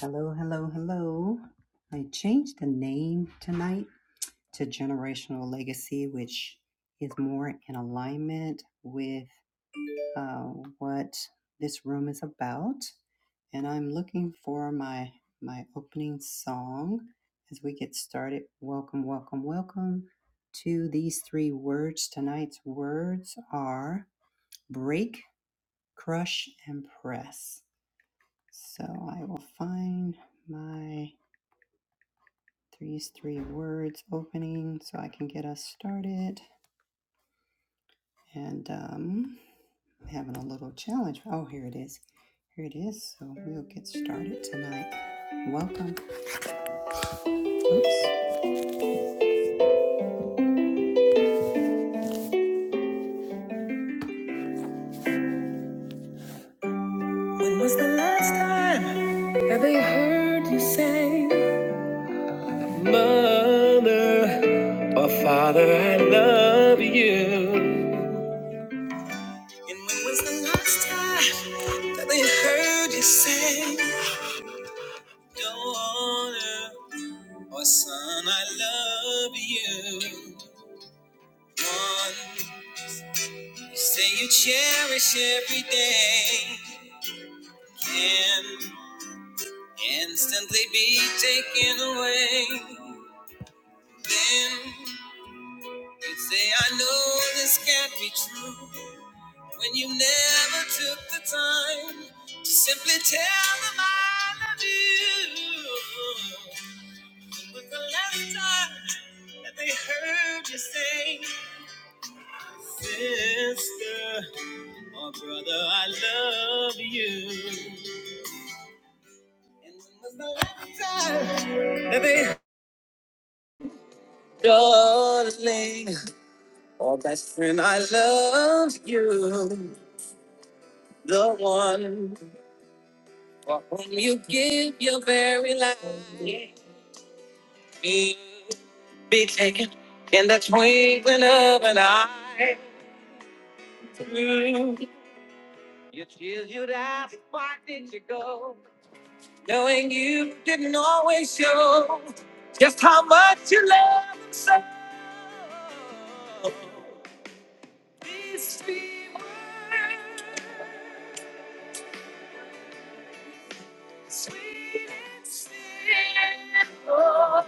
Hello, hello, hello. I changed the name tonight to Generational Legacy, which is more in alignment with uh, what this room is about. And I'm looking for my my opening song as we get started. Welcome, welcome, welcome to these three words. Tonight's words are break, crush, and press. So I will find my Three's three words opening so I can get us started. And um, I'm having a little challenge. Oh, here it is. Here it is. So we'll get started tonight. Welcome. Oops. When was the last time that they heard you say, Mother or Father, I love you? And when was the last time that they heard you say, Daughter? Oh, son, I love you. One, say you cherish every day. Can instantly be taken away. Then you say, I know this can't be true. When you never took the time to simply tell them I love you. But the last time that they heard you say, Sister. Oh, brother, I love you. And when was the last time? Baby, darling. Oh, best friend, I love you. The one for whom you give your very life. be taken in the twinkling of an eye. You chill, you that. Why did you go? knowing you didn't always show just how much you love him so. These three words, sweet and simple.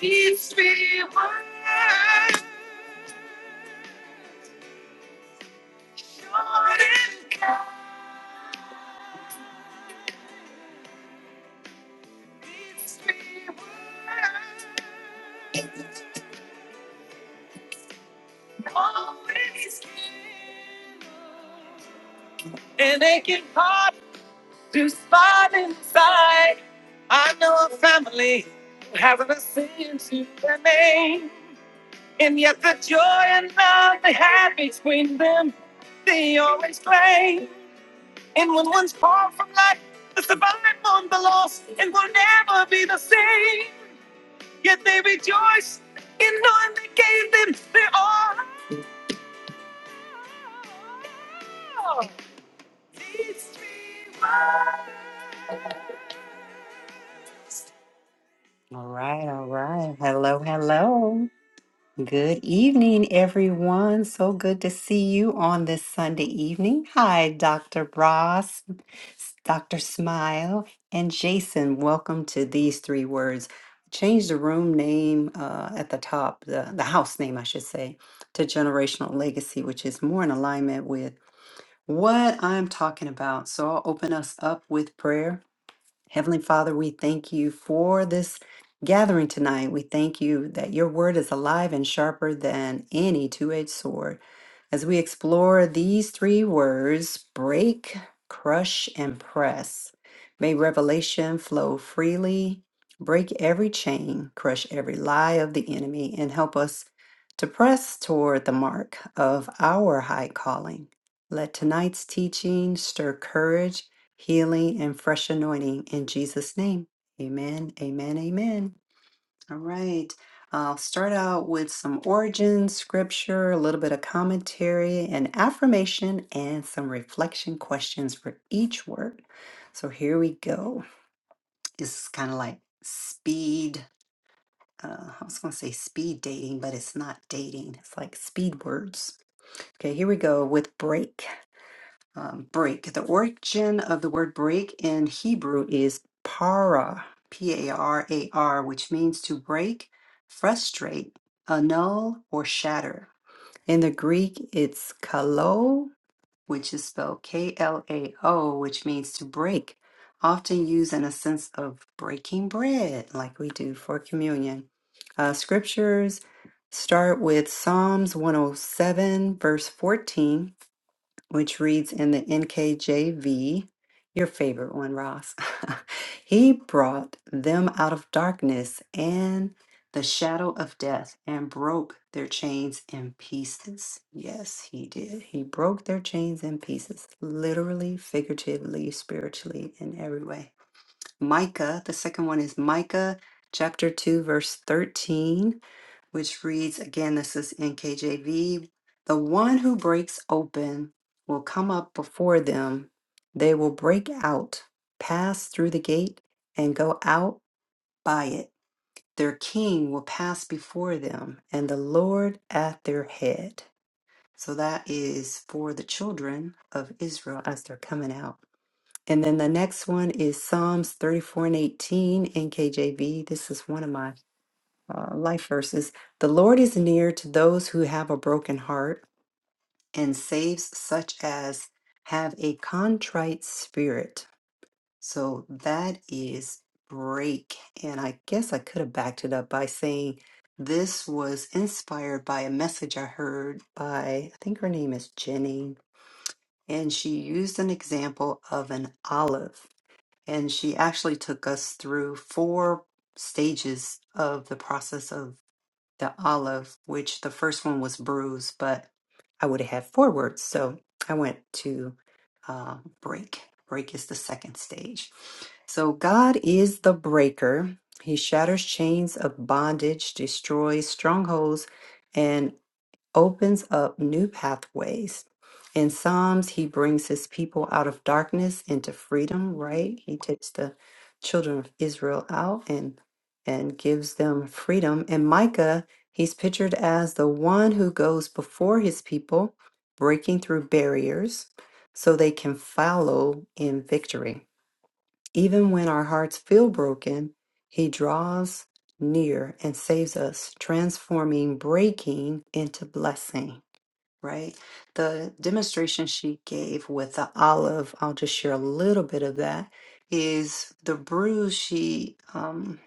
These three words, short and kind. And they can hard to spot inside. I know a family who hasn't a sin to their name. And yet the joy and love they had between them, they always claim. And when one's far from life, the survived one, the lost, and will never be the same. Yet they rejoice in knowing they gave them their all. All right, all right. Hello, hello. Good evening, everyone. So good to see you on this Sunday evening. Hi, Dr. Ross, Dr. Smile, and Jason. Welcome to these three words. Change the room name uh, at the top, the, the house name, I should say, to Generational Legacy, which is more in alignment with. what I'm talking about. So I'll open us up with prayer. Heavenly Father, we thank you for this gathering tonight. We thank you that your word is alive and sharper than any two edged sword. As we explore these three words break, crush, and press, may revelation flow freely, break every chain, crush every lie of the enemy, and help us to press toward the mark of our high calling. Let tonight's teaching stir courage, healing, and fresh anointing in Jesus' name. Amen, amen, amen. All right. I'll start out with some origin, scripture, a little bit of commentary, an affirmation, and some reflection questions for each word. So here we go. It's kind of like speed. Uh, I was going to say speed dating, but it's not dating. It's like speed words. Okay, here we go with break um, break. The origin of the word break in Hebrew is para, P A R A R, which means to break, frustrate, annul, or shatter. In the Greek, it's kalo, which is spelled K L A O, which means to break, often used in a sense of breaking bread, like we do for communion. Uh, scriptures start with Psalms 107, verse 14 which reads in the NKJV, your favorite one, Ross. he brought them out of darkness and the shadow of death and broke their chains in pieces. Yes, he did. He broke their chains in pieces, literally, figuratively, spiritually, in every way. Micah, the second one is Micah chapter 2, verse 13 which reads again, this is NKJV. The one who breaks open will come up before them. They will break out, pass through the gate, and go out by it. Their king will pass before them, and the Lord at their head. So that is for the children of Israel as they're coming out. And then the next one is Psalms 34 and 18 NKJV. This is one of my uh, life verses. The Lord is near to those who have a broken heart and saves such as have a contrite spirit. So that is break. And I guess I could have backed it up by saying this was inspired by a message I heard by, I think her name is Jenny. And she used an example of an olive. And she actually took us through four stages of the process of the olive, which the first one was bruised, but I would have had four words. So I went to uh, break. Break is the second stage. So God is the breaker. He shatters chains of bondage, destroys strongholds, opens up new pathways. In Psalms, he brings his people out of darkness into freedom, right? He takes the children of Israel out and and gives them freedom. And Micah, he's pictured as the one who goes before his people, breaking through barriers so they can follow in victory. Even when our hearts feel broken, he draws near and saves us, transforming breaking into blessing right? The demonstration she gave with the olive, I'll just share a little bit of that, is the bruise. She um,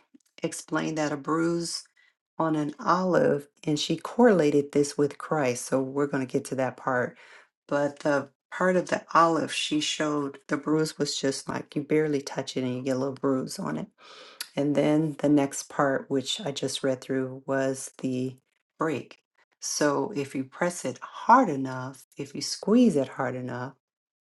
explained that a bruise on an olive, and she correlated this with Christ. So we're going to get to that part. But the part of the olive she showed, the bruise was just like you barely touch it and you get a little bruise on it and then the next part, which I just read through, was the break. So if you press it hard enough, if you squeeze it hard enough,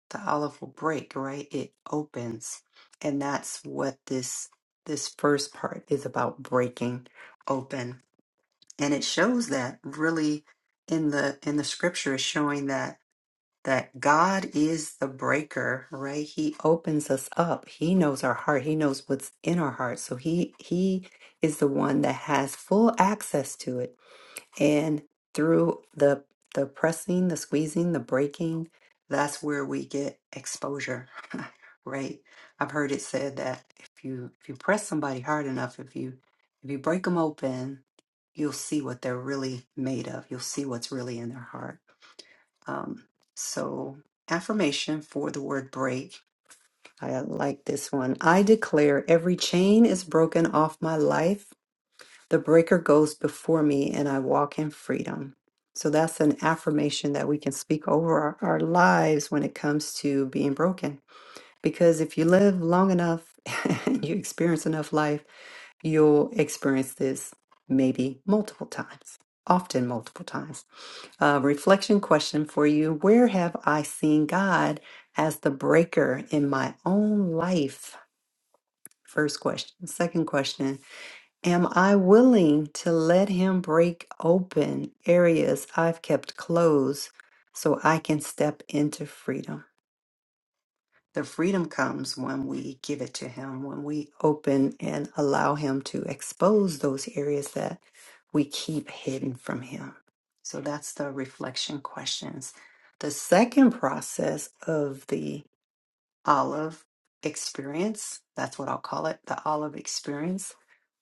the olive will break, right? It opens. And that's what this this first part is about breaking open. And it shows that really in the in the scripture is showing that that God is the breaker, right? He opens us up. He knows our heart. He knows what's in our heart. So he he is the one that has full access to it. And through the the pressing, the squeezing, the breaking, that's where we get exposure. right? I've heard it said that if you if you press somebody hard enough, if you if you break them open, you'll see what they're really made of. You'll see what's really in their heart. Um, so, affirmation for the word break. I uh, like this one. I declare every chain is broken off my life. The breaker goes before me, and I walk in freedom. So, that's an affirmation that we can speak over our, our lives when it comes to being broken. Because if you live long enough and you experience enough life, you'll experience this maybe multiple times, often multiple times uh, reflection question for you. Where have I seen God as the breaker in my own life? First question. Second question Am I willing to let Him break open areas I've kept closed so I can step into freedom? The freedom comes when we give it to Him, when we open and allow Him to expose those areas that we keep hidden from Him. So that's the reflection questions. The second process of the olive experience, that's what I'll call it, the olive experience,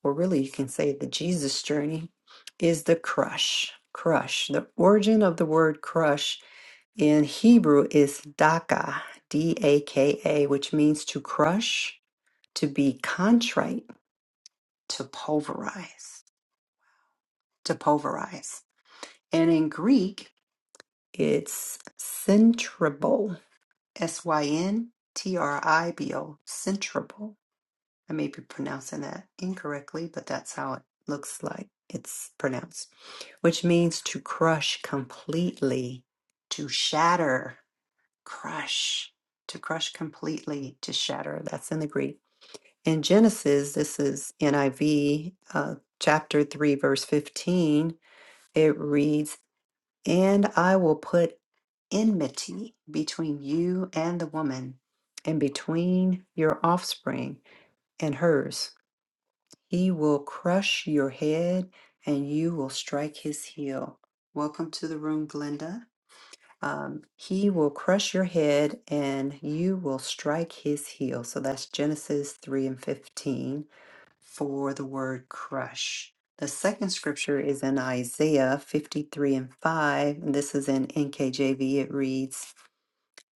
or really you can say the Jesus journey, is the crush. Crush. The origin of the word crush in Hebrew is daka, D A K A, which means to crush, to be contrite, to pulverize, to pulverize. And in Greek, it's centrible, S Y N T R I B O, centrible. I may be pronouncing that incorrectly, but that's how it looks like it's pronounced, which means to crush completely, to shatter crush, to crush completely, to shatter. That's in the Greek. In Genesis, this is NIV, uh, chapter 3, verse 15, it reads, And I will put enmity between you and the woman, and between your offspring and hers. He will crush your head, and you will strike his heel. Welcome to the room, Glenda um, he will crush your head and you will strike his heel. So that's Genesis 3 and 15 for the word crush. The second scripture is in Isaiah 53 and 5. And this is in NKJV. It reads,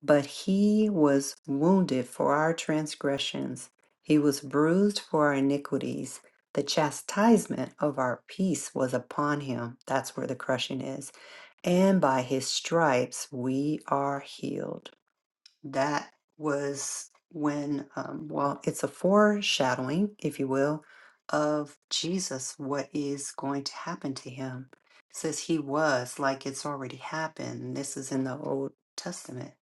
But he was wounded for our transgressions, he was bruised for our iniquities. The chastisement of our peace was upon him. That's where the crushing is and by his stripes we are healed. That was when, um, well, it's a foreshadowing, if you will, of Jesus, what is going to happen to him. It says he was, like it's already happened. This is in the Old Testament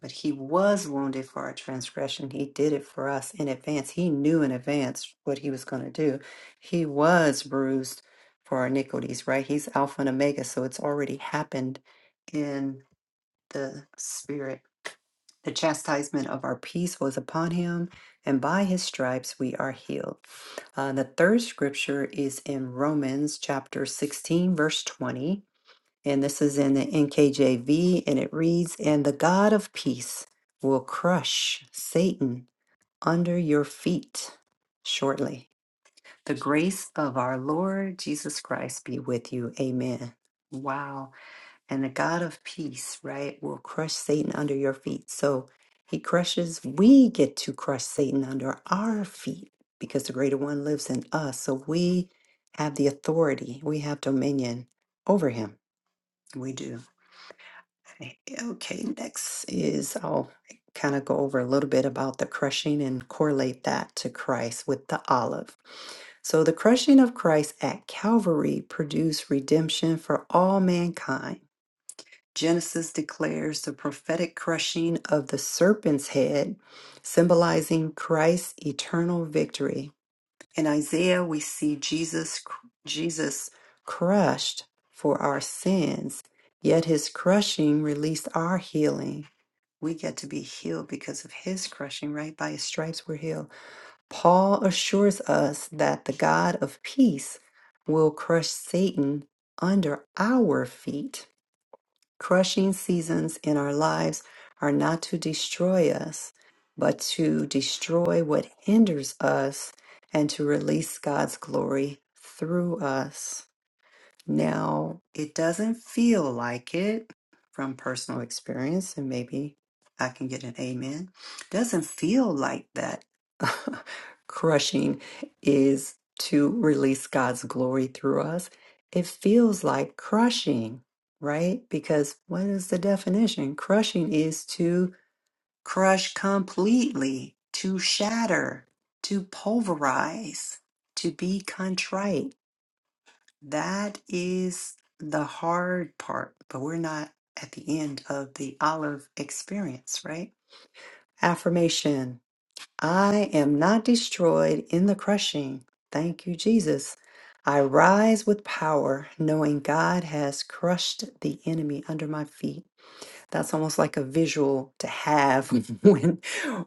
but he was wounded for our transgression. He did it for us in advance. He knew in advance what he was going to do. He was bruised for our iniquities, right? He's Alpha and Omega, so it's already happened in the Spirit. The chastisement of our peace was upon him, and by his stripes we are healed. Uh, the third scripture is in Romans chapter 16, verse 20 and this is in the NKJV, and it reads, And the God of peace will crush Satan under your feet shortly. The grace of our Lord Jesus Christ be with you. Amen. Wow. And the God of peace, right, will crush Satan under your feet. So he crushes, we get to crush Satan under our feet because the greater one lives in us. So we have the authority, we have dominion over him. We do. Okay, okay, next is I'll kind of go over a little bit about the crushing and correlate that to Christ with the olive. So, the crushing of Christ at Calvary produced redemption for all mankind. Genesis declares the prophetic crushing of the serpent's head, symbolizing Christ's eternal victory in Isaiah, we see Jesus, Jesus crushed for our sins, yet his crushing released our healing. We get to be healed because of his crushing, right? By his stripes we're healed. Paul assures us that the God of peace will crush Satan under our feet. Crushing seasons in our lives are not to destroy us, but to destroy what hinders us and to release God's glory through us. Now, it doesn't feel like it from personal experience, and maybe I can get an amen. Doesn't feel like that crushing is to release God's glory through us. It feels like crushing, right? Because what is the definition? Crushing is to crush completely, to shatter, to pulverize, to be contrite. That is the hard part, but we're not at the end of the olive experience, right? Affirmation I am not destroyed in the crushing. Thank you, Jesus. I rise with power, knowing God has crushed the enemy under my feet. That's almost like a visual to have when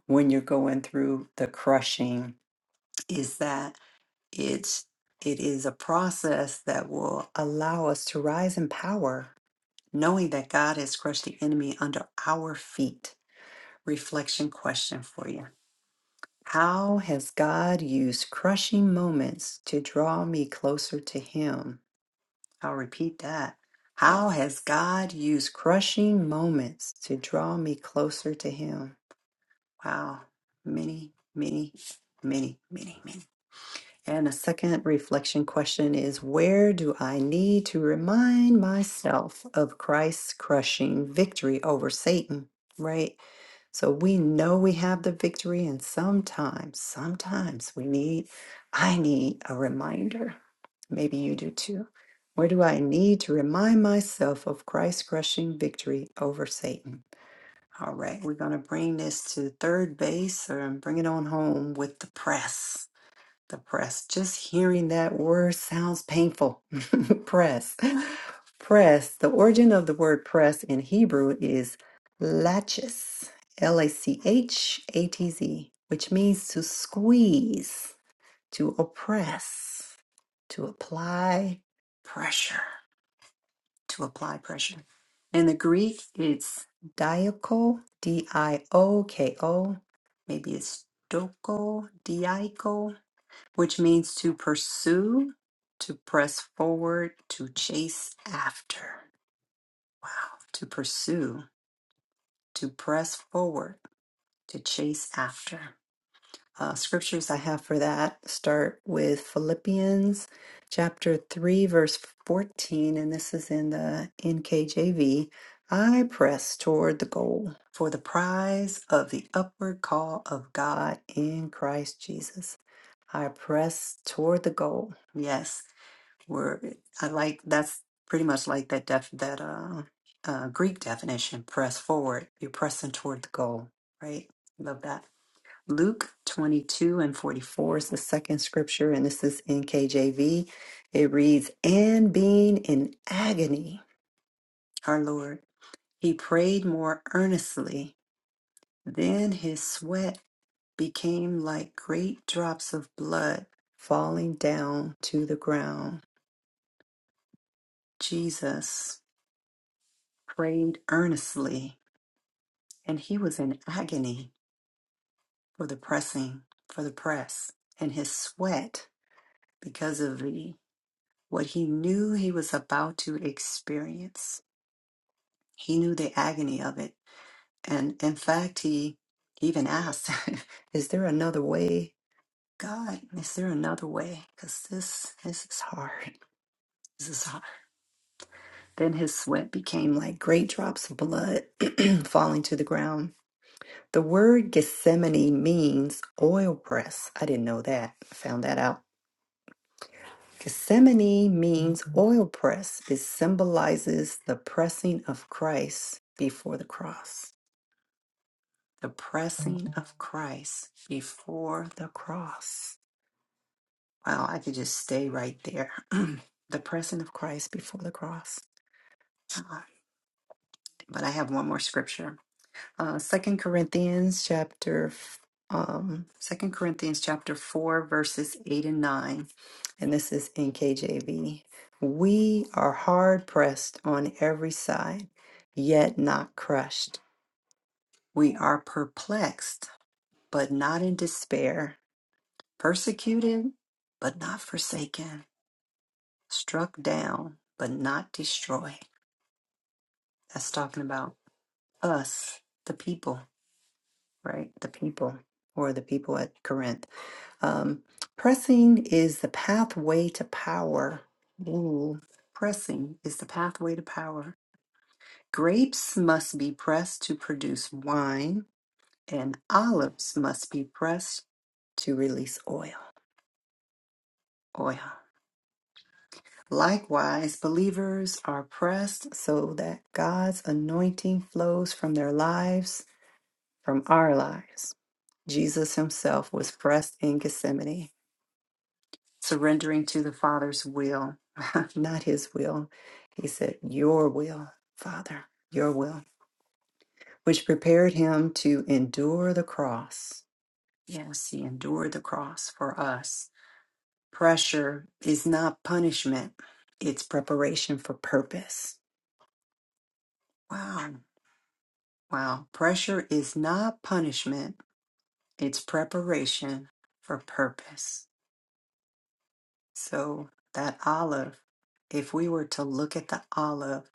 when you're going through the crushing. Is that? it's it is a process that will allow us to rise in power knowing that god has crushed the enemy under our feet reflection question for you how has god used crushing moments to draw me closer to him i'll repeat that how has god used crushing moments to draw me closer to him wow many many many many many many And a second reflection question is Where do I need to remind myself of Christ's crushing victory over Satan? Right? So we know we have the victory, and sometimes, sometimes we need, I need a reminder. Maybe you do too. Where do I need to remind myself of Christ's crushing victory over Satan? All right, we're going to bring this to third base or bring it on home with the press. The press. Just hearing that word sounds painful. press. Press. The origin of the word press in Hebrew is laches, L A C H A T Z, which means to squeeze, to oppress, to apply pressure, to apply pressure. In the Greek, it's dioko, D I O K O. Maybe it's doko, diaco which means to pursue, to press forward, to chase after. Wow. To pursue, to press forward, to chase after. Uh, scriptures I have for that start with Philippians chapter 3, verse 14, and this is in the NKJV. I press toward the goal for the prize of the upward call of God in Christ Jesus. I press toward the goal. Yes, Word. I like that's pretty much like that def that uh, uh Greek definition, press forward. You're pressing toward the goal, right? Love that. Luke 22 and 44 is the second scripture, and this is in KJV. It reads, And being in agony, our Lord, he prayed more earnestly. Then his sweat became like great drops of blood falling down to the ground. Jesus. prayed earnestly, and he was in agony for the pressing, for the press, and his sweat because of the what he knew he was about to experience. He knew the agony of it. And in fact, he even asked, Is there another way? God, is there another way? Because this, this is hard. This is hard. Then his sweat became like great drops of blood falling to the ground The word Gethsemane means oil press. I didn't know that. I Found that out. Gethsemane means oil press. It symbolizes the pressing of Christ before the cross. The pressing of Christ before the cross. Wow, I could just stay right there. the pressing of Christ before the cross. God. But I have one more scripture. uh, Second Corinthians chapter, f- um, Second Corinthians chapter four, verses eight and nine, and this is in KJV. We are hard pressed on every side, yet not crushed. We are perplexed, but not in despair. Persecuted, but not forsaken. Struck down, but not destroyed. That's talking about us, the people, right? The people, or the people at Corinth. Um, pressing is the pathway to power. Ooh, pressing is the pathway to power. Grapes must be pressed to produce wine, and olives must be pressed to release oil. Oil. Likewise, believers are pressed so that God's anointing flows from their lives, from our lives. Jesus himself was pressed in Gethsemane surrendering to the Father's will, not his will. He said, Your will, Father, your will, which prepared him to endure the cross. Yes, he endured the cross for us. Pressure is not punishment, it's preparation for purpose. Wow, wow. Pressure is not punishment, it's preparation for purpose. So, that olive, if we were to look at the olive,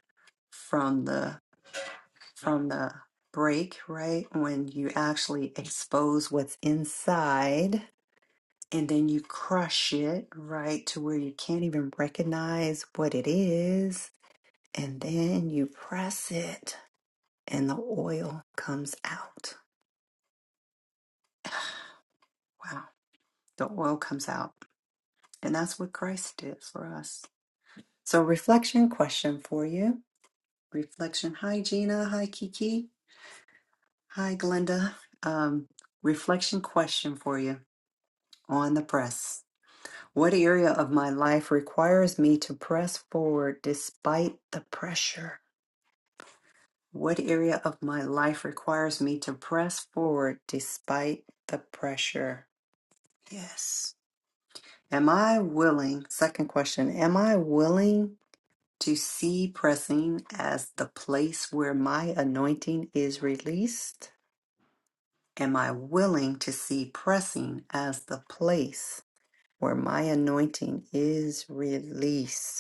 from the from the break, right? When you actually expose what's inside and then you crush it, right? To where you can't even recognize what it is. And then you press it and the oil comes out. Wow. The oil comes out. And that's what Christ did for us. So, reflection question for you. Reflection. Hi, Gina. Hi, Kiki. Hi, Glenda. Um, reflection question for you on the press. What area of my life requires me to press forward despite the pressure? What area of my life requires me to press forward despite the pressure? Yes. Am I willing? Second question Am I willing to see pressing as the place where my anointing is released? Am I willing to see pressing as the place where my anointing is released?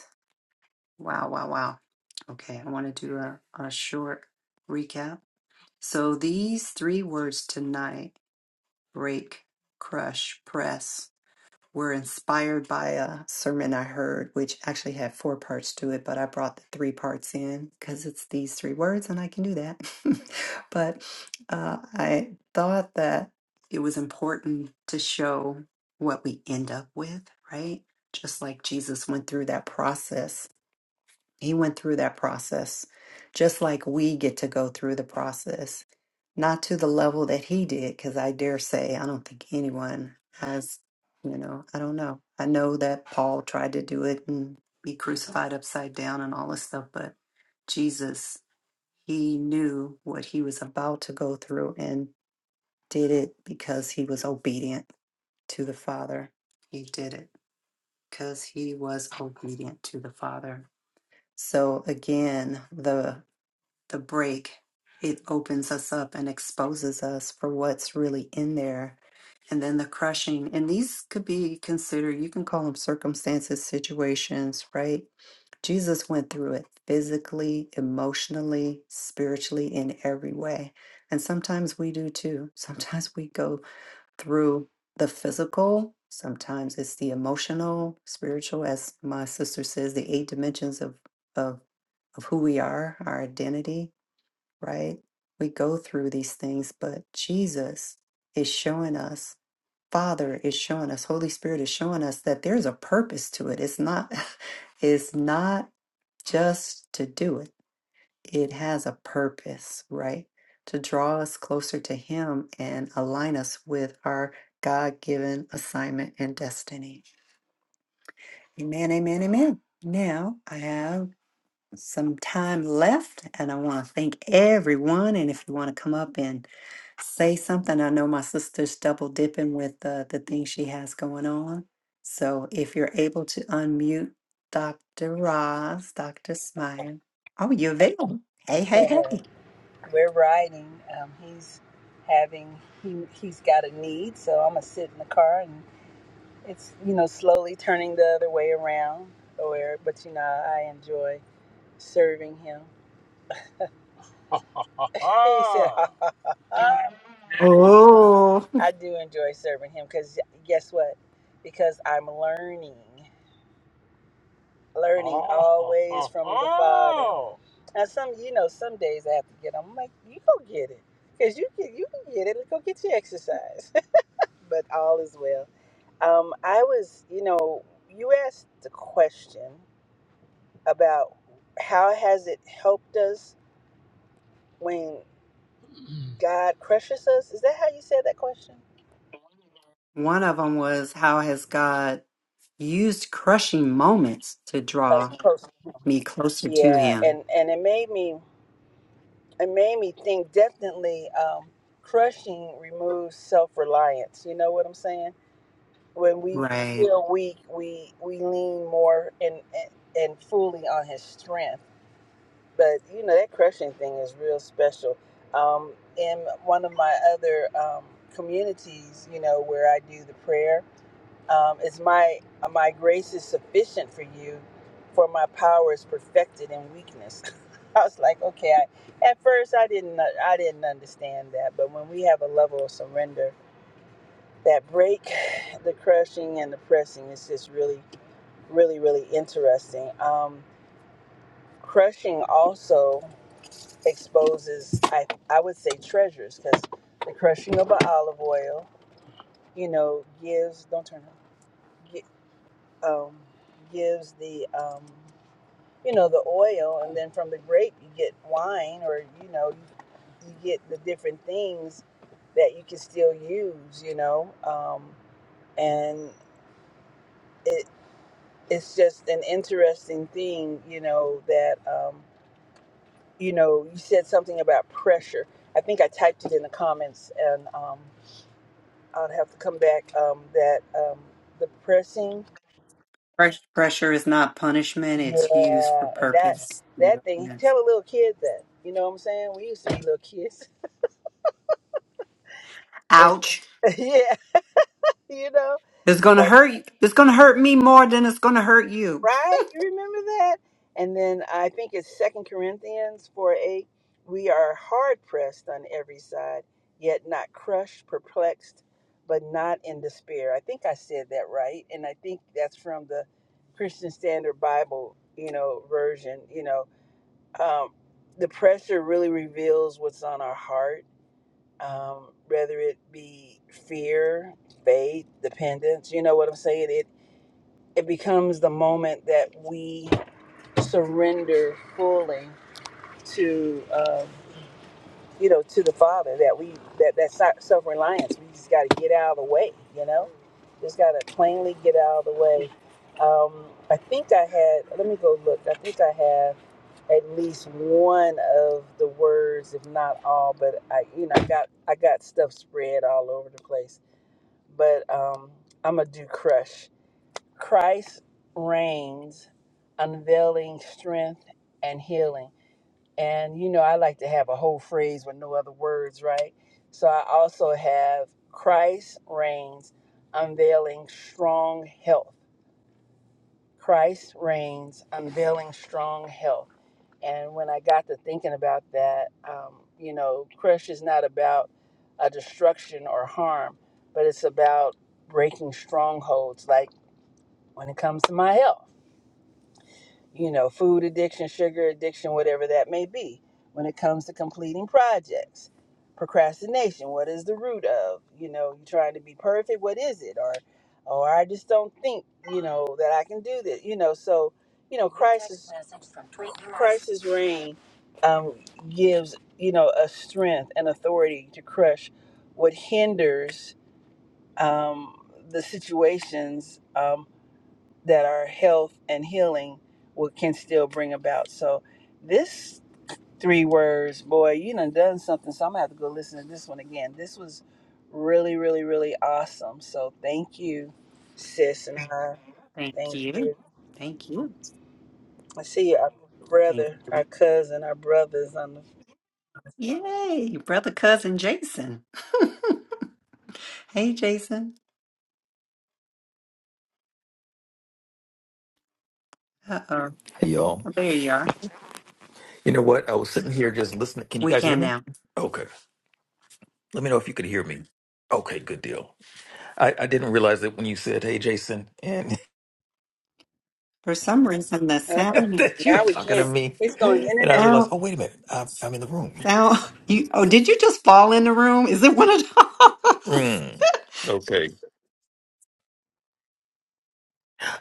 Wow, wow, wow. Okay, I want to do a, a short recap. So these three words tonight break, crush, press were inspired by a sermon I heard, which actually had four parts to it, but I brought the three parts in because it's these three words and I can do that. but uh, I thought that it was important to show what we end up with, right? Just like Jesus went through that process he went through that process, just like we get to go through the process, not to the level that he did, because I dare say I don't think anyone has, you know, I don't know. I know that Paul tried to do it and be crucified upside down and all this stuff, but Jesus, he knew what he was about to go through and did it because he was obedient to the Father. He did it because he was obedient to the Father. So again, the the break it opens us up and exposes us for what's really in there. And then the crushing, and these could be considered, you can call them circumstances, situations, right? Jesus went through it physically, emotionally, spiritually, in every way. And sometimes we do too. Sometimes we go through the physical. Sometimes it's the emotional, spiritual, as my sister says, the eight dimensions of of of who we are, our identity, right? We go through these things, but Jesus is showing us, Father is showing us, Holy Spirit is showing us that there's a purpose to it. It's not it's not just to do it it has a purpose, right? To draw us closer to Him and align us with our God given assignment and destiny. Amen, amen, amen. Now I have some time left and I want to thank everyone. And if you want to come up and say something, I know my sister's double dipping with uh, the thing she has going on. So if you're able to unmute Dr. Roz, Dr. Smile. Oh, you're available. Hey, hey, hey. We're riding. Um, he's having he he's got a need, so I'm gonna sit in the car and it's you know slowly turning the other way around. Or but you know I enjoy serving him. he said, Ah, hey. Oh, I do enjoy serving him because guess what? Because I'm learning, learning Oh, always oh, from the Father. oh. Now some, you know, some days I have to get. I'm like, you go get it, cause you get, you can get it. Go get your exercise. but all is well. Um, I was, you know, you asked the question about how has it helped us when Mm. God crushes us. Is that how you said that question? one of them was how has God used crushing moments to That's draw close. me closer to Yeah, Him? and and it made me it made me think definitely. Um, crushing removes self reliance. You know what I'm saying? When we Right. feel weak, we we lean more and and, and fully on His strength but you know that crushing thing is real special um, in one of my other um, communities you know where i do the prayer um, it's my my grace is sufficient for you for my power is perfected in weakness i was like okay I, at first i didn't i didn't understand that but when we have a level of surrender that break the crushing and the pressing is just really really really interesting um, crushing also exposes I I would say treasures because the crushing of a olive oil, you know, gives don't turn off, gi- um, gives the um, you know the oil, and then from the grape you get wine, or you know you, you get the different things that you can still use, you know, um, and it it's just an interesting thing, you know that um, you know you said something about pressure. I think I typed it in the comments and. um, I'd have to come back. Um, that um, the pressing, Press- Pressure is not punishment, it's used for yeah, that purpose. that thing. Yes. Tell the little kids that. You know what I'm saying? We used to be little kids. And, Ouch. yeah, you know, It's going to hurt you. It's going to hurt me more than it's going to hurt you. right? You remember that? And then I think it's Second Corinthians four eight. We are hard pressed on every side, yet not crushed, perplexed, but not in despair. I think I said that right, and I think that's from the Christian Standard Bible, you know, version, you know um, the pressure really reveals what's on our heart, um, whether it be fear, faith, dependence. You know what I'm saying? It it becomes the moment that we surrender fully to. Um, you know, to the Father that we that that si- self-reliance. We just got to get out of the way, you know. Just got to plainly get out of the way. Um, I think I had. Let me go look. I think I have at least one of the words, if not all. But I, you know, I got I got stuff spread all over the place. But um, I'm gonna do crush. Christ reigns, unveiling strength and healing. And you know, I like to have a whole phrase with no other words, right? So I also have Christ reigns, unveiling strong health. Christ reigns, unveiling strong health. And when I got to thinking about that, um, you know, crush is not about a destruction or harm, but it's about breaking strongholds. Like when it comes to my health. you know, food addiction, sugar addiction, whatever that may be. When it comes to completing projects, procrastination, what is the root of? You know, you trying to be perfect, what is it? Or, or I just don't think, you know, that I can do this. You know, so, you know, crisis, crisis reign um, gives, you know, a strength and authority to crush what hinders um, the situations um, that our health and healing will, can still bring about. So this three words, boy, you done done something. So I'm gonna have to go listen to this one again. This was really, really, really awesome. So thank you, sis and I. Thank Thank you. you. Thank you. I see our Thank brother, our you. cousin, our brothers on the. Yay, brother cousin Jason. hey, Jason. Uh-oh. Hey y'all. There you are. You know what? I was sitting here just listening. Can you We guys hear can me? now. Okay. Let me know if you could hear me. Okay, good deal. I, I didn't realize that when you said, hey, Jason, and For some reason, the Uh, sound, that you were now we talking to can't. me. He's going in And and I out. realized, sound, oh, wait a minute. I'm, I'm in the room. sound. You, oh, did you just fall in the room? Is it one of those? Mm, okay.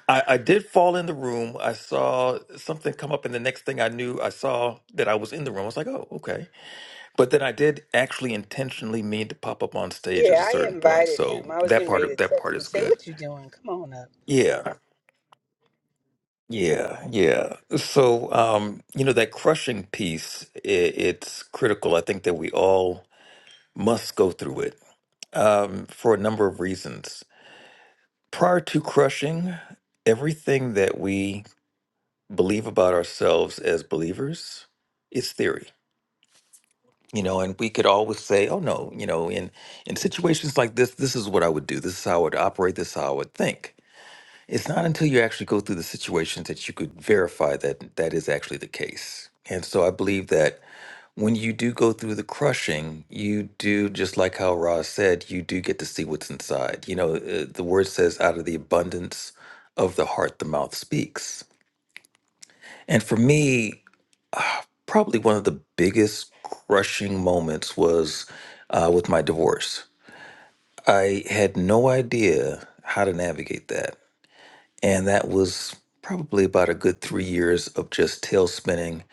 I, I did fall in the room. I saw something come up, and the next thing I knew, I saw that I was in the room. I was like, oh, okay. But then I did actually intentionally mean to pop up on stage at a Yeah, I certain point. invited So him. I was that getting ready to part, that text part him and is say, good. "What you doing? Come on up." Yeah. Yeah, yeah. So, um, you know, that crushing piece, i it's critical. I think that we all must go through it um, for a number of reasons. Prior to crushing, everything that we believe about ourselves as believers is theory. You know, and we could always say, "Oh no," you know, in in situations like this, this is what I would do. This is how I would operate. This is how I would think. It's not until you actually go through the situations that you could verify that that is actually the case. And so I believe that when you do go through the crushing, you do, just like how Roz said, you do get to see what's inside. You know, uh, the word says, out of the abundance of the heart, the mouth speaks. And for me, probably one of the biggest crushing moments was uh, with my divorce. I had no idea how to navigate that. And that was probably about a good three years of just tail spinning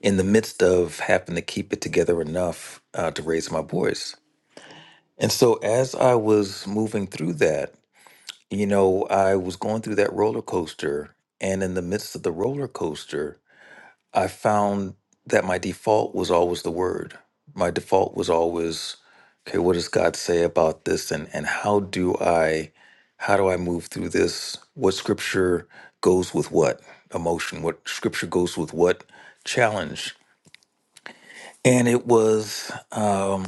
in the midst of having to keep it together enough uh, to raise my boys. And so as I was moving through that, you know, I was going through that roller coaster. And in the midst of the roller coaster, I found that my default was always the word. My default was always, okay, what does God say about this and and how do I how do I move through this? What scripture goes with what emotion? What scripture goes with what challenge? And it was um,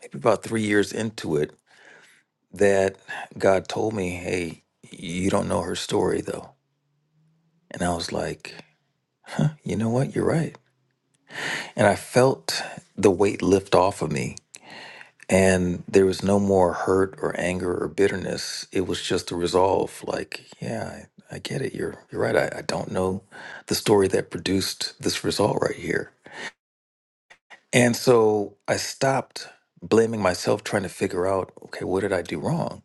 maybe about three years into it that God told me, hey, you don't know her story though. And I was like, you know what? You're right. And I felt the weight lift off of me And there was no more hurt or anger or bitterness. It was just a resolve. Like, yeah, I, I get it. You're you're right. I, I don't know the story that produced this result right here. And so I stopped blaming myself, trying to figure out, okay, what did I do wrong?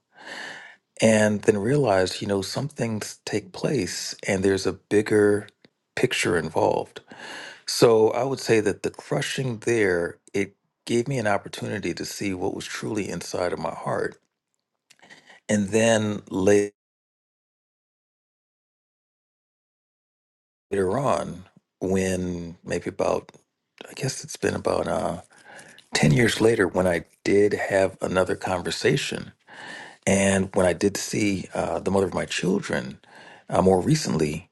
And then realized, you know, some things take place and there's a bigger picture involved. So I would say that the crushing there, it gave me an opportunity to see what was truly inside of my heart And then later on, when maybe about, I guess it's been about uh, 10 years later, when I did have another conversation and when I did see uh, the mother of my children uh, more recently,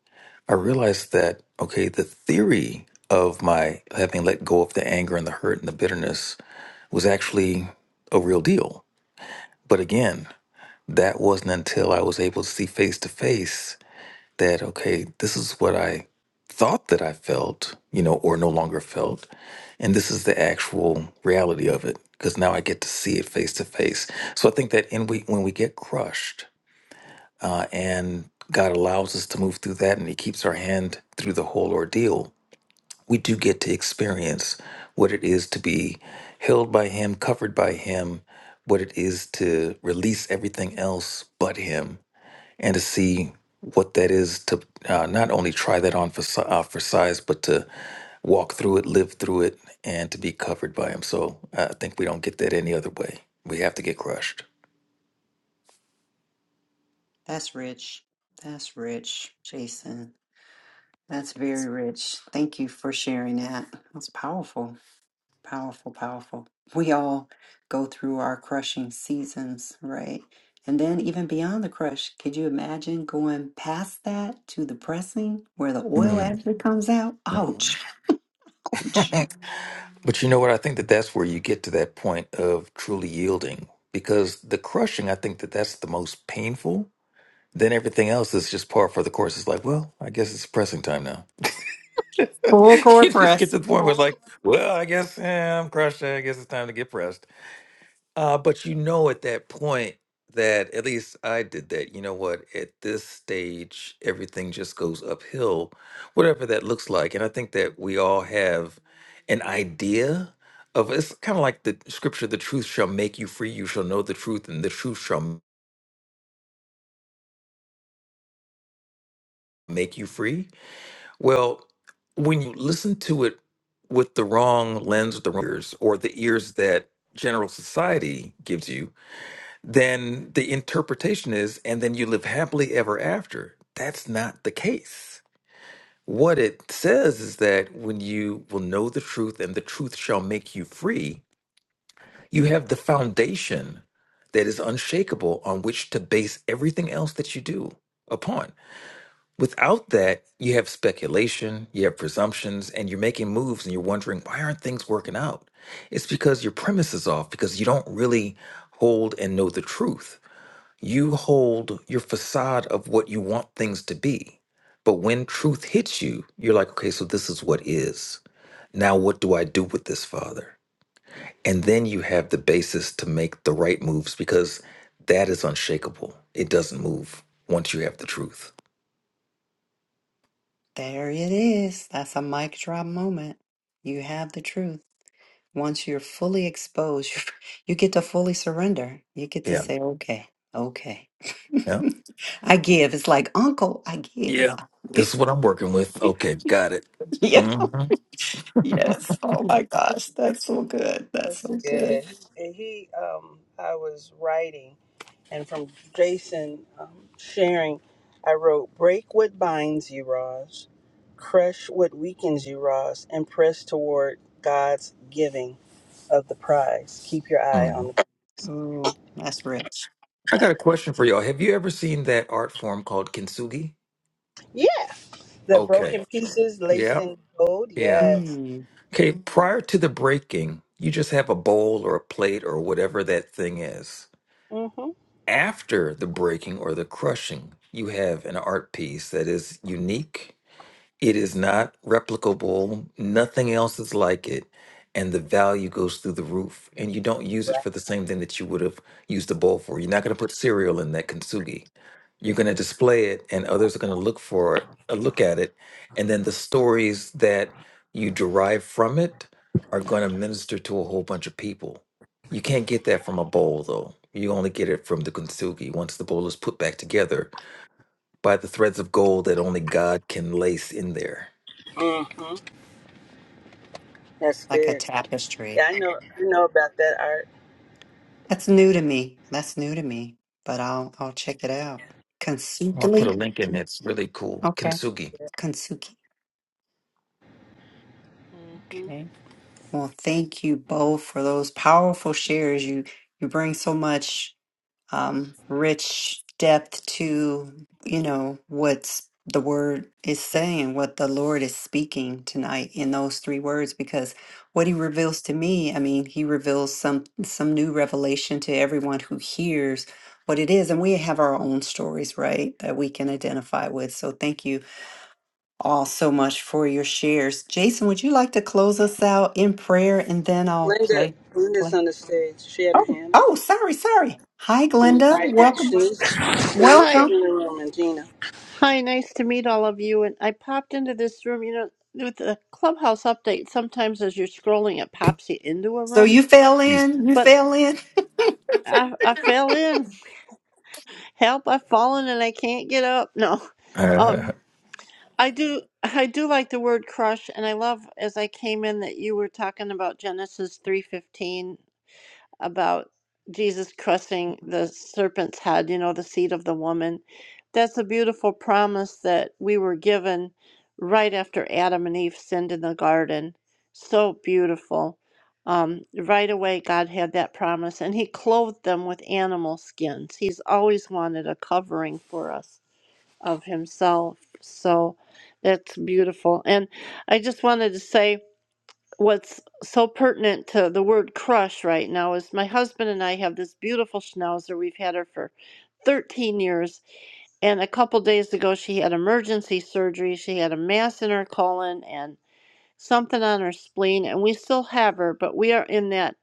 I realized that, okay, the theory of my having let go of the anger and the hurt and the bitterness was actually a real deal. But again, that wasn't until I was able to see face to face that okay this is what i thought that i felt you know or no longer felt and this is the actual reality of it because now i get to see it face to face so i think that in we when we get crushed uh, and god allows us to move through that and he keeps our hand through the whole ordeal we do get to experience what it is to be held by him covered by him what it is to release everything else but him and to see what that is to uh, not only try that on for, si- uh, for size, but to walk through it, live through it, and to be covered by Him. So uh, I think we don't get that any other way. We have to get crushed. That's rich. That's rich, Jason. That's very rich. Thank you for sharing that. That's powerful, powerful, powerful. We all go through our crushing seasons, right? And then even beyond the crush, could you imagine going past that to the pressing where the oil Mm, actually comes out? Ouch. mhm. but you know what? I think that that's where you get to that point of truly yielding because the crushing, I think that that's the most painful. Then everything else is just par for the course. It's like, well, I guess it's pressing time now. Full court you just get press. to the point where it's like, well, I guess eh, I'm crushed. I guess it's time to get pressed. Uh, but you know, at that point, that at least I did that. You know what? At this stage, everything just goes uphill, whatever that looks like. And I think that we all have an idea of it's kind of like the scripture: "The truth shall make you free. You shall know the truth, and the truth shall make you free." Well, when you listen to it with the wrong lens, with the wrong ears, or the ears that general society gives you, then the interpretation is, and then you live happily ever after. That's not the case. What it says is that when you will know the truth and the truth shall make you free, you have the foundation that is unshakable on which to base everything else that you do upon. Without that, you have speculation, you have presumptions, and you're making moves and you're wondering, why aren't things working out? It's because your premise is off, because you don't really hold and know the truth. You hold your facade of what you want things to be. But when truth hits you, you're like, okay, so this is what is. Now, what do I do with this, Father? And then you have the basis to make the right moves because that is unshakable. It doesn't move once you have the truth. There it is. That's a mic drop moment. You have the truth. Once you're fully exposed, you you get to fully surrender. You get to Yeah. say, okay, okay. I give. It's like, Uncle, I give. Yeah, I this is give." what I'm working with. Okay, got it. yeah. hmm Yes. Oh my gosh. That's so good. That's That's so good. good. And he, um, I was writing, and from Jason um, sharing, I wrote, "Break what binds you, Roz. Crush what weakens you, Roz, and press toward God's giving of the prize. Keep your eye on Mhm. the Oh, that's rich. I got a question for y'all. Have you ever seen that art form called kintsugi? yeah, the Okay. broken pieces laced Yeah. in gold. Yeah. Yes. Mm, Okay. Prior to the breaking, you just have a bowl or a plate or whatever that thing is. Mm-hmm. after the breaking or the crushing, you have an art piece that is unique it is not replicable. Nothing else is like it. And the value goes through the roof. And you don't use it for the same thing that you would have used a bowl for. You're not going to put cereal in that kintsugi. You're going to display it, and others are going to look for it, uh, look at it. And then the stories that you derive from it are going to minister to a whole bunch of people. You can't get that from a bowl, though. You only get it from the kintsugi once the bowl is put back together by the threads of gold that only God can lace in there. Mm-hmm. That's like a good. tapestry. Yeah, I know. I know about that art. That's new to me. That's new to me. But I'll I'll check it out. I'll put a Kintsugi? link in. It's really cool. Okay. Kintsugi. Kintsugi. Mm-hmm. Well, thank you both for those powerful shares. You you bring so much um, rich depth to you know what's the word is saying, what the Lord is speaking tonight in those three words. Because what He reveals to me, I mean, He reveals some some new revelation to everyone who hears what it is, and we have our own stories, right, that we can identify with. So thank you all so much for your shares. Jason, would you like to close us out in prayer and then I'll play? Linda, Linda's on the stage. She had her Oh, hand. oh, sorry, sorry. Hi, And then Glenda. I and Welcome. Shanice, Shanice is Hi, Welcome. in the room, and Gina. hi, nice to meet all of you. And I popped into this room, you know, with the clubhouse update. Sometimes as you're scrolling, it pops you into a So room, you fell Peace. in. You but fell in. I, I fell in. Help, I've fallen and I can't get up. No, Uh, um, I do, I do like the word crush, and I love as I came in that you were talking about Genesis three fifteen about Jesus crushing the serpent's head, you know, the seed of the woman. That's a beautiful promise that we were given right after Adam and Eve sinned in the garden. So beautiful. Um, right away, God had that promise, and He clothed them with animal skins. He's always wanted a covering for us of Himself. So that's beautiful. And I just wanted to say, what's so pertinent to the word crush right now is my husband and I have this beautiful schnauzer. We've had her for 13 years. And a couple days ago, she had emergency surgery. She had a mass in her colon and something on her spleen. And we still have her, but we are in that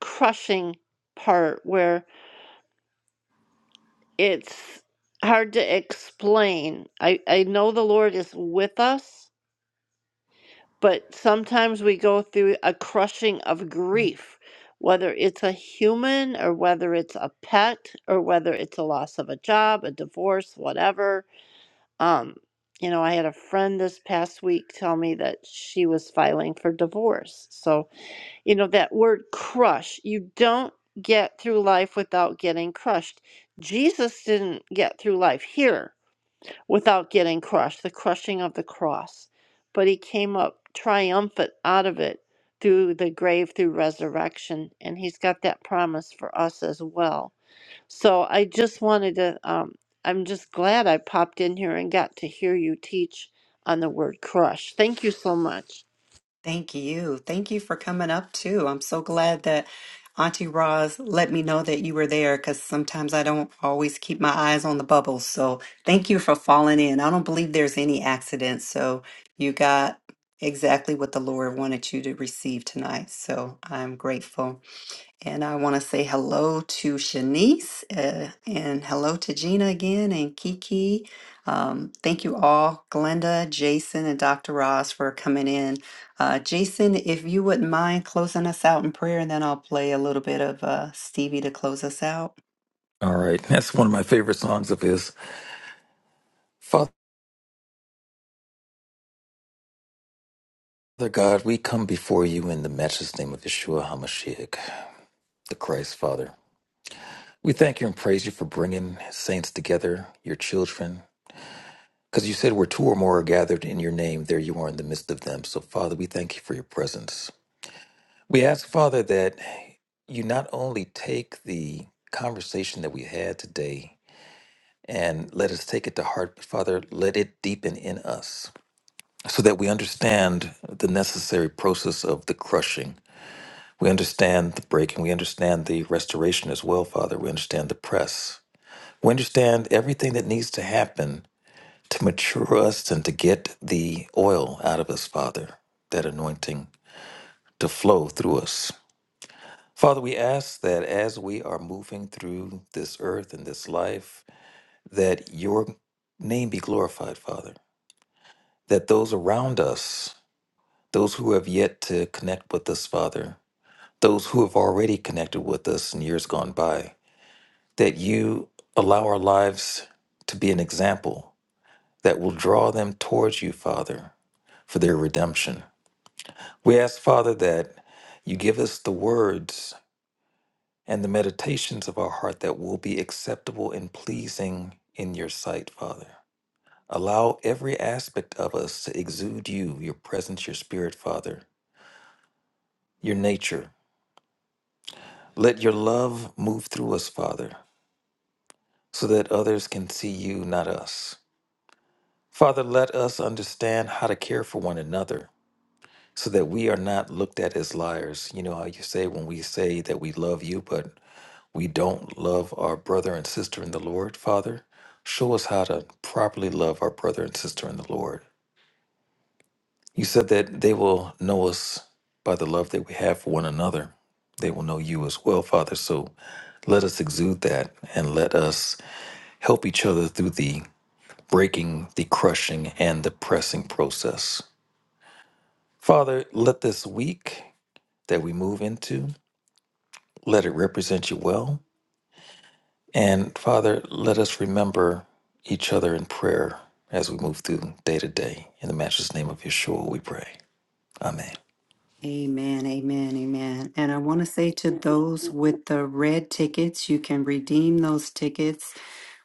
crushing part where it's hard to explain. I, I know the Lord is with us but sometimes we go through a crushing of grief, whether it's a human or whether it's a pet or whether it's a loss of a job, a divorce, whatever. Um, you know, I had a friend this past week tell me that she was filing for divorce. So, you know, that word crush, you don't get through life without getting crushed. Jesus didn't get through life here without getting crushed, the crushing of the cross. But he came up triumphant out of it through the grave, through resurrection, and he's got that promise for us as well. So I just wanted to, um, I'm just glad I popped in here and got to hear you teach on the word crush. Thank you so much. Thank you. Thank you for coming up too. I'm so glad that Auntie Roz let me know that you were there because sometimes I don't always keep my eyes on the bubbles. So thank you for falling in. I don't believe there's any accidents. So you got exactly what the Lord wanted you to receive tonight. So I'm grateful. And I want to say hello to Shanice uh, and hello to Gina again and Kiki. Um, thank you all, Glenda, Jason, and Dr. Ross for coming in. Uh, Jason, if you wouldn't mind closing us out in prayer, and then I'll play a little bit of uh, Stevie to close us out. all right. That's one of my favorite songs of his. Father God, we come before you in the matchless name of Yeshua HaMashiach, the Christ Father. We thank you and praise you for bringing saints together, your children, because you said where two or more are gathered in your name, there you are in the midst of them. So, Father, we thank you for your presence. We ask, Father, that you not only take the conversation that we had today and let us take it to heart. But Father, let it deepen in us so that we understand the necessary process of the crushing. We understand the breaking. We understand the restoration as well, Father. We understand the press. We understand everything that needs to happen to mature us and to get the oil out of us, Father, that anointing to flow through us. Father, we ask that as we are moving through this earth and this life, that your name be glorified, Father that those around us, those who have yet to connect with us, Father, those who have already connected with us in years gone by, that you allow our lives to be an example that will draw them towards you, Father, for their redemption. We ask, Father, that you give us the words and the meditations of our heart that will be acceptable and pleasing in your sight, Father. Allow every aspect of us to exude you, your presence, your spirit, Father your nature. Let your love move through us, Father, so that others can see you, not us. Father, let us understand how to care for one another so that we are not looked at as liars. You know how you say when we say that we love you, but we don't love our brother and sister in the Lord, Father? Show us how to properly love our brother and sister in the Lord. You said that they will know us by the love that we have for one another. They will know you as well, Father. So let us exude that and let us help each other through the breaking, the crushing, and the pressing process. Father, let this week that we move into, let it represent you well. And Father, let us remember each other in prayer as we move through day to day. In the matchless name of Yeshua, we pray. Amen. Amen, amen, amen. And I want to say to those with the red tickets, you can redeem those tickets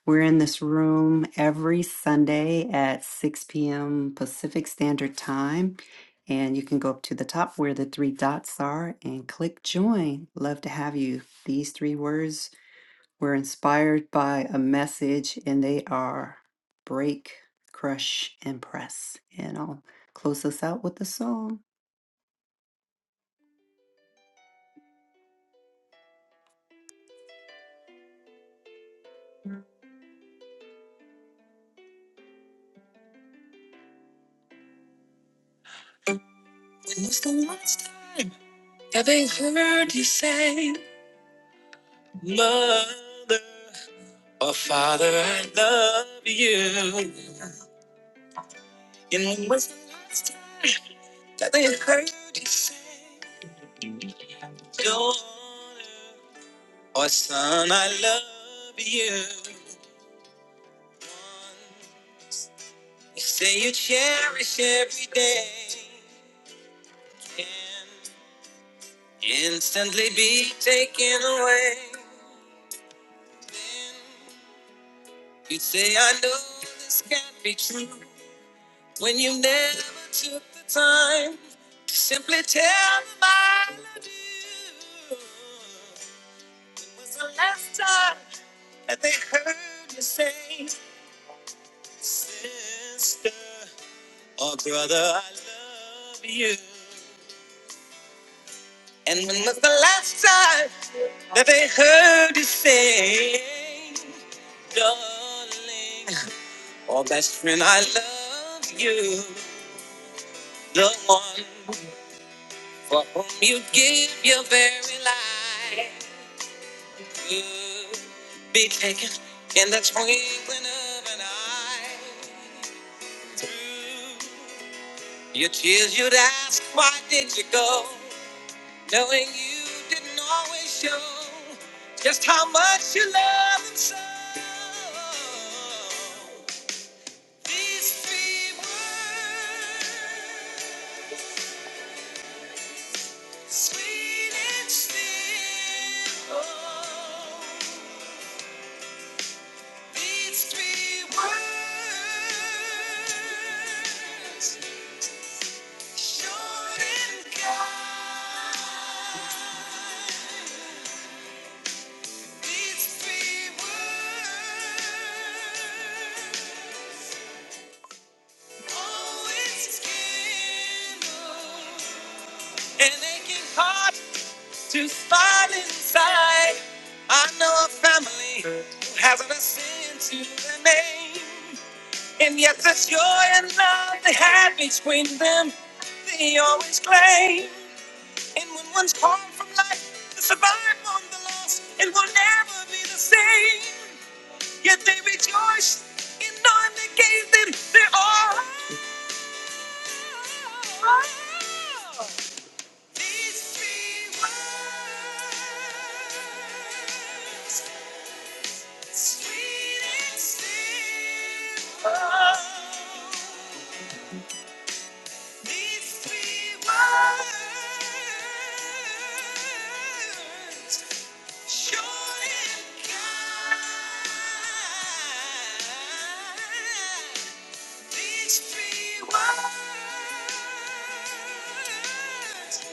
We're in this room every Sunday at 6 p.m. Pacific Standard Time. And you can go up to the top where the three dots are and click join. Love to have you. These three words were inspired by a message, and they are break, crush, and press. And I'll close us out with a song. When was the last time that they heard you say, Mother? Oh, Father, I love you. And when was the last time that they heard you say, Daughter, oh, son, I love you. You say you cherish every day and instantly be taken away. You say, I know this can't be true. When you never took the time to simply tell them I love you. When was the last time that they heard you say, Sister or brother, I love you? And when was the last time that they heard you say, Darling, or best friend, I love you? The one For whom you give your very life could be taken in the twinkling of an eye. Through your tears, you'd ask, Why did you go? Knowing you didn't always show just how much you love him so. These three words. Sweet and still, oh, these three words, short and kind. These three words always kindle an aching heart to start inside. I know a family who hasn't a sin to their name. And yet the joy and love they had between them, they always claim. And when one's torn from life, to survive on the loss, it will never be the same. Yet they rejoice in knowing they gave them their all. These three words. Sweet and simple. These three words sure can guide. These three words,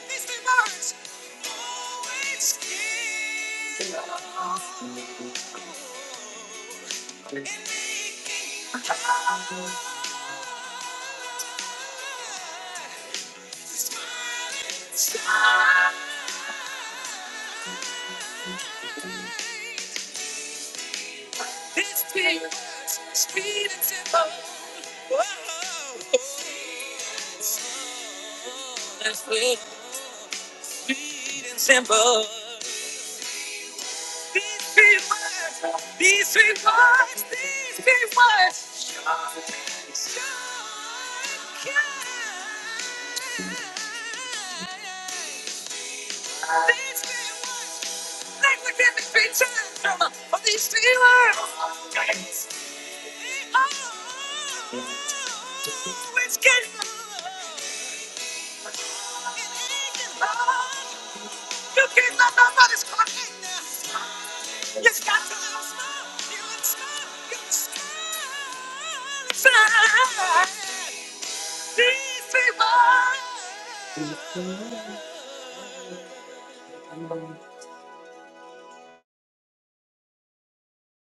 these three words, always give hope in making God the smiling These three words, sweet and simple. Whoa, that's sweet, sweet and simple. These three words, these three words, these three words. Short, short cut. These three words. That would never be time for these feelings. They always get You can't let nobody's crying now. You got to smile. You can smile. You can smile. These people.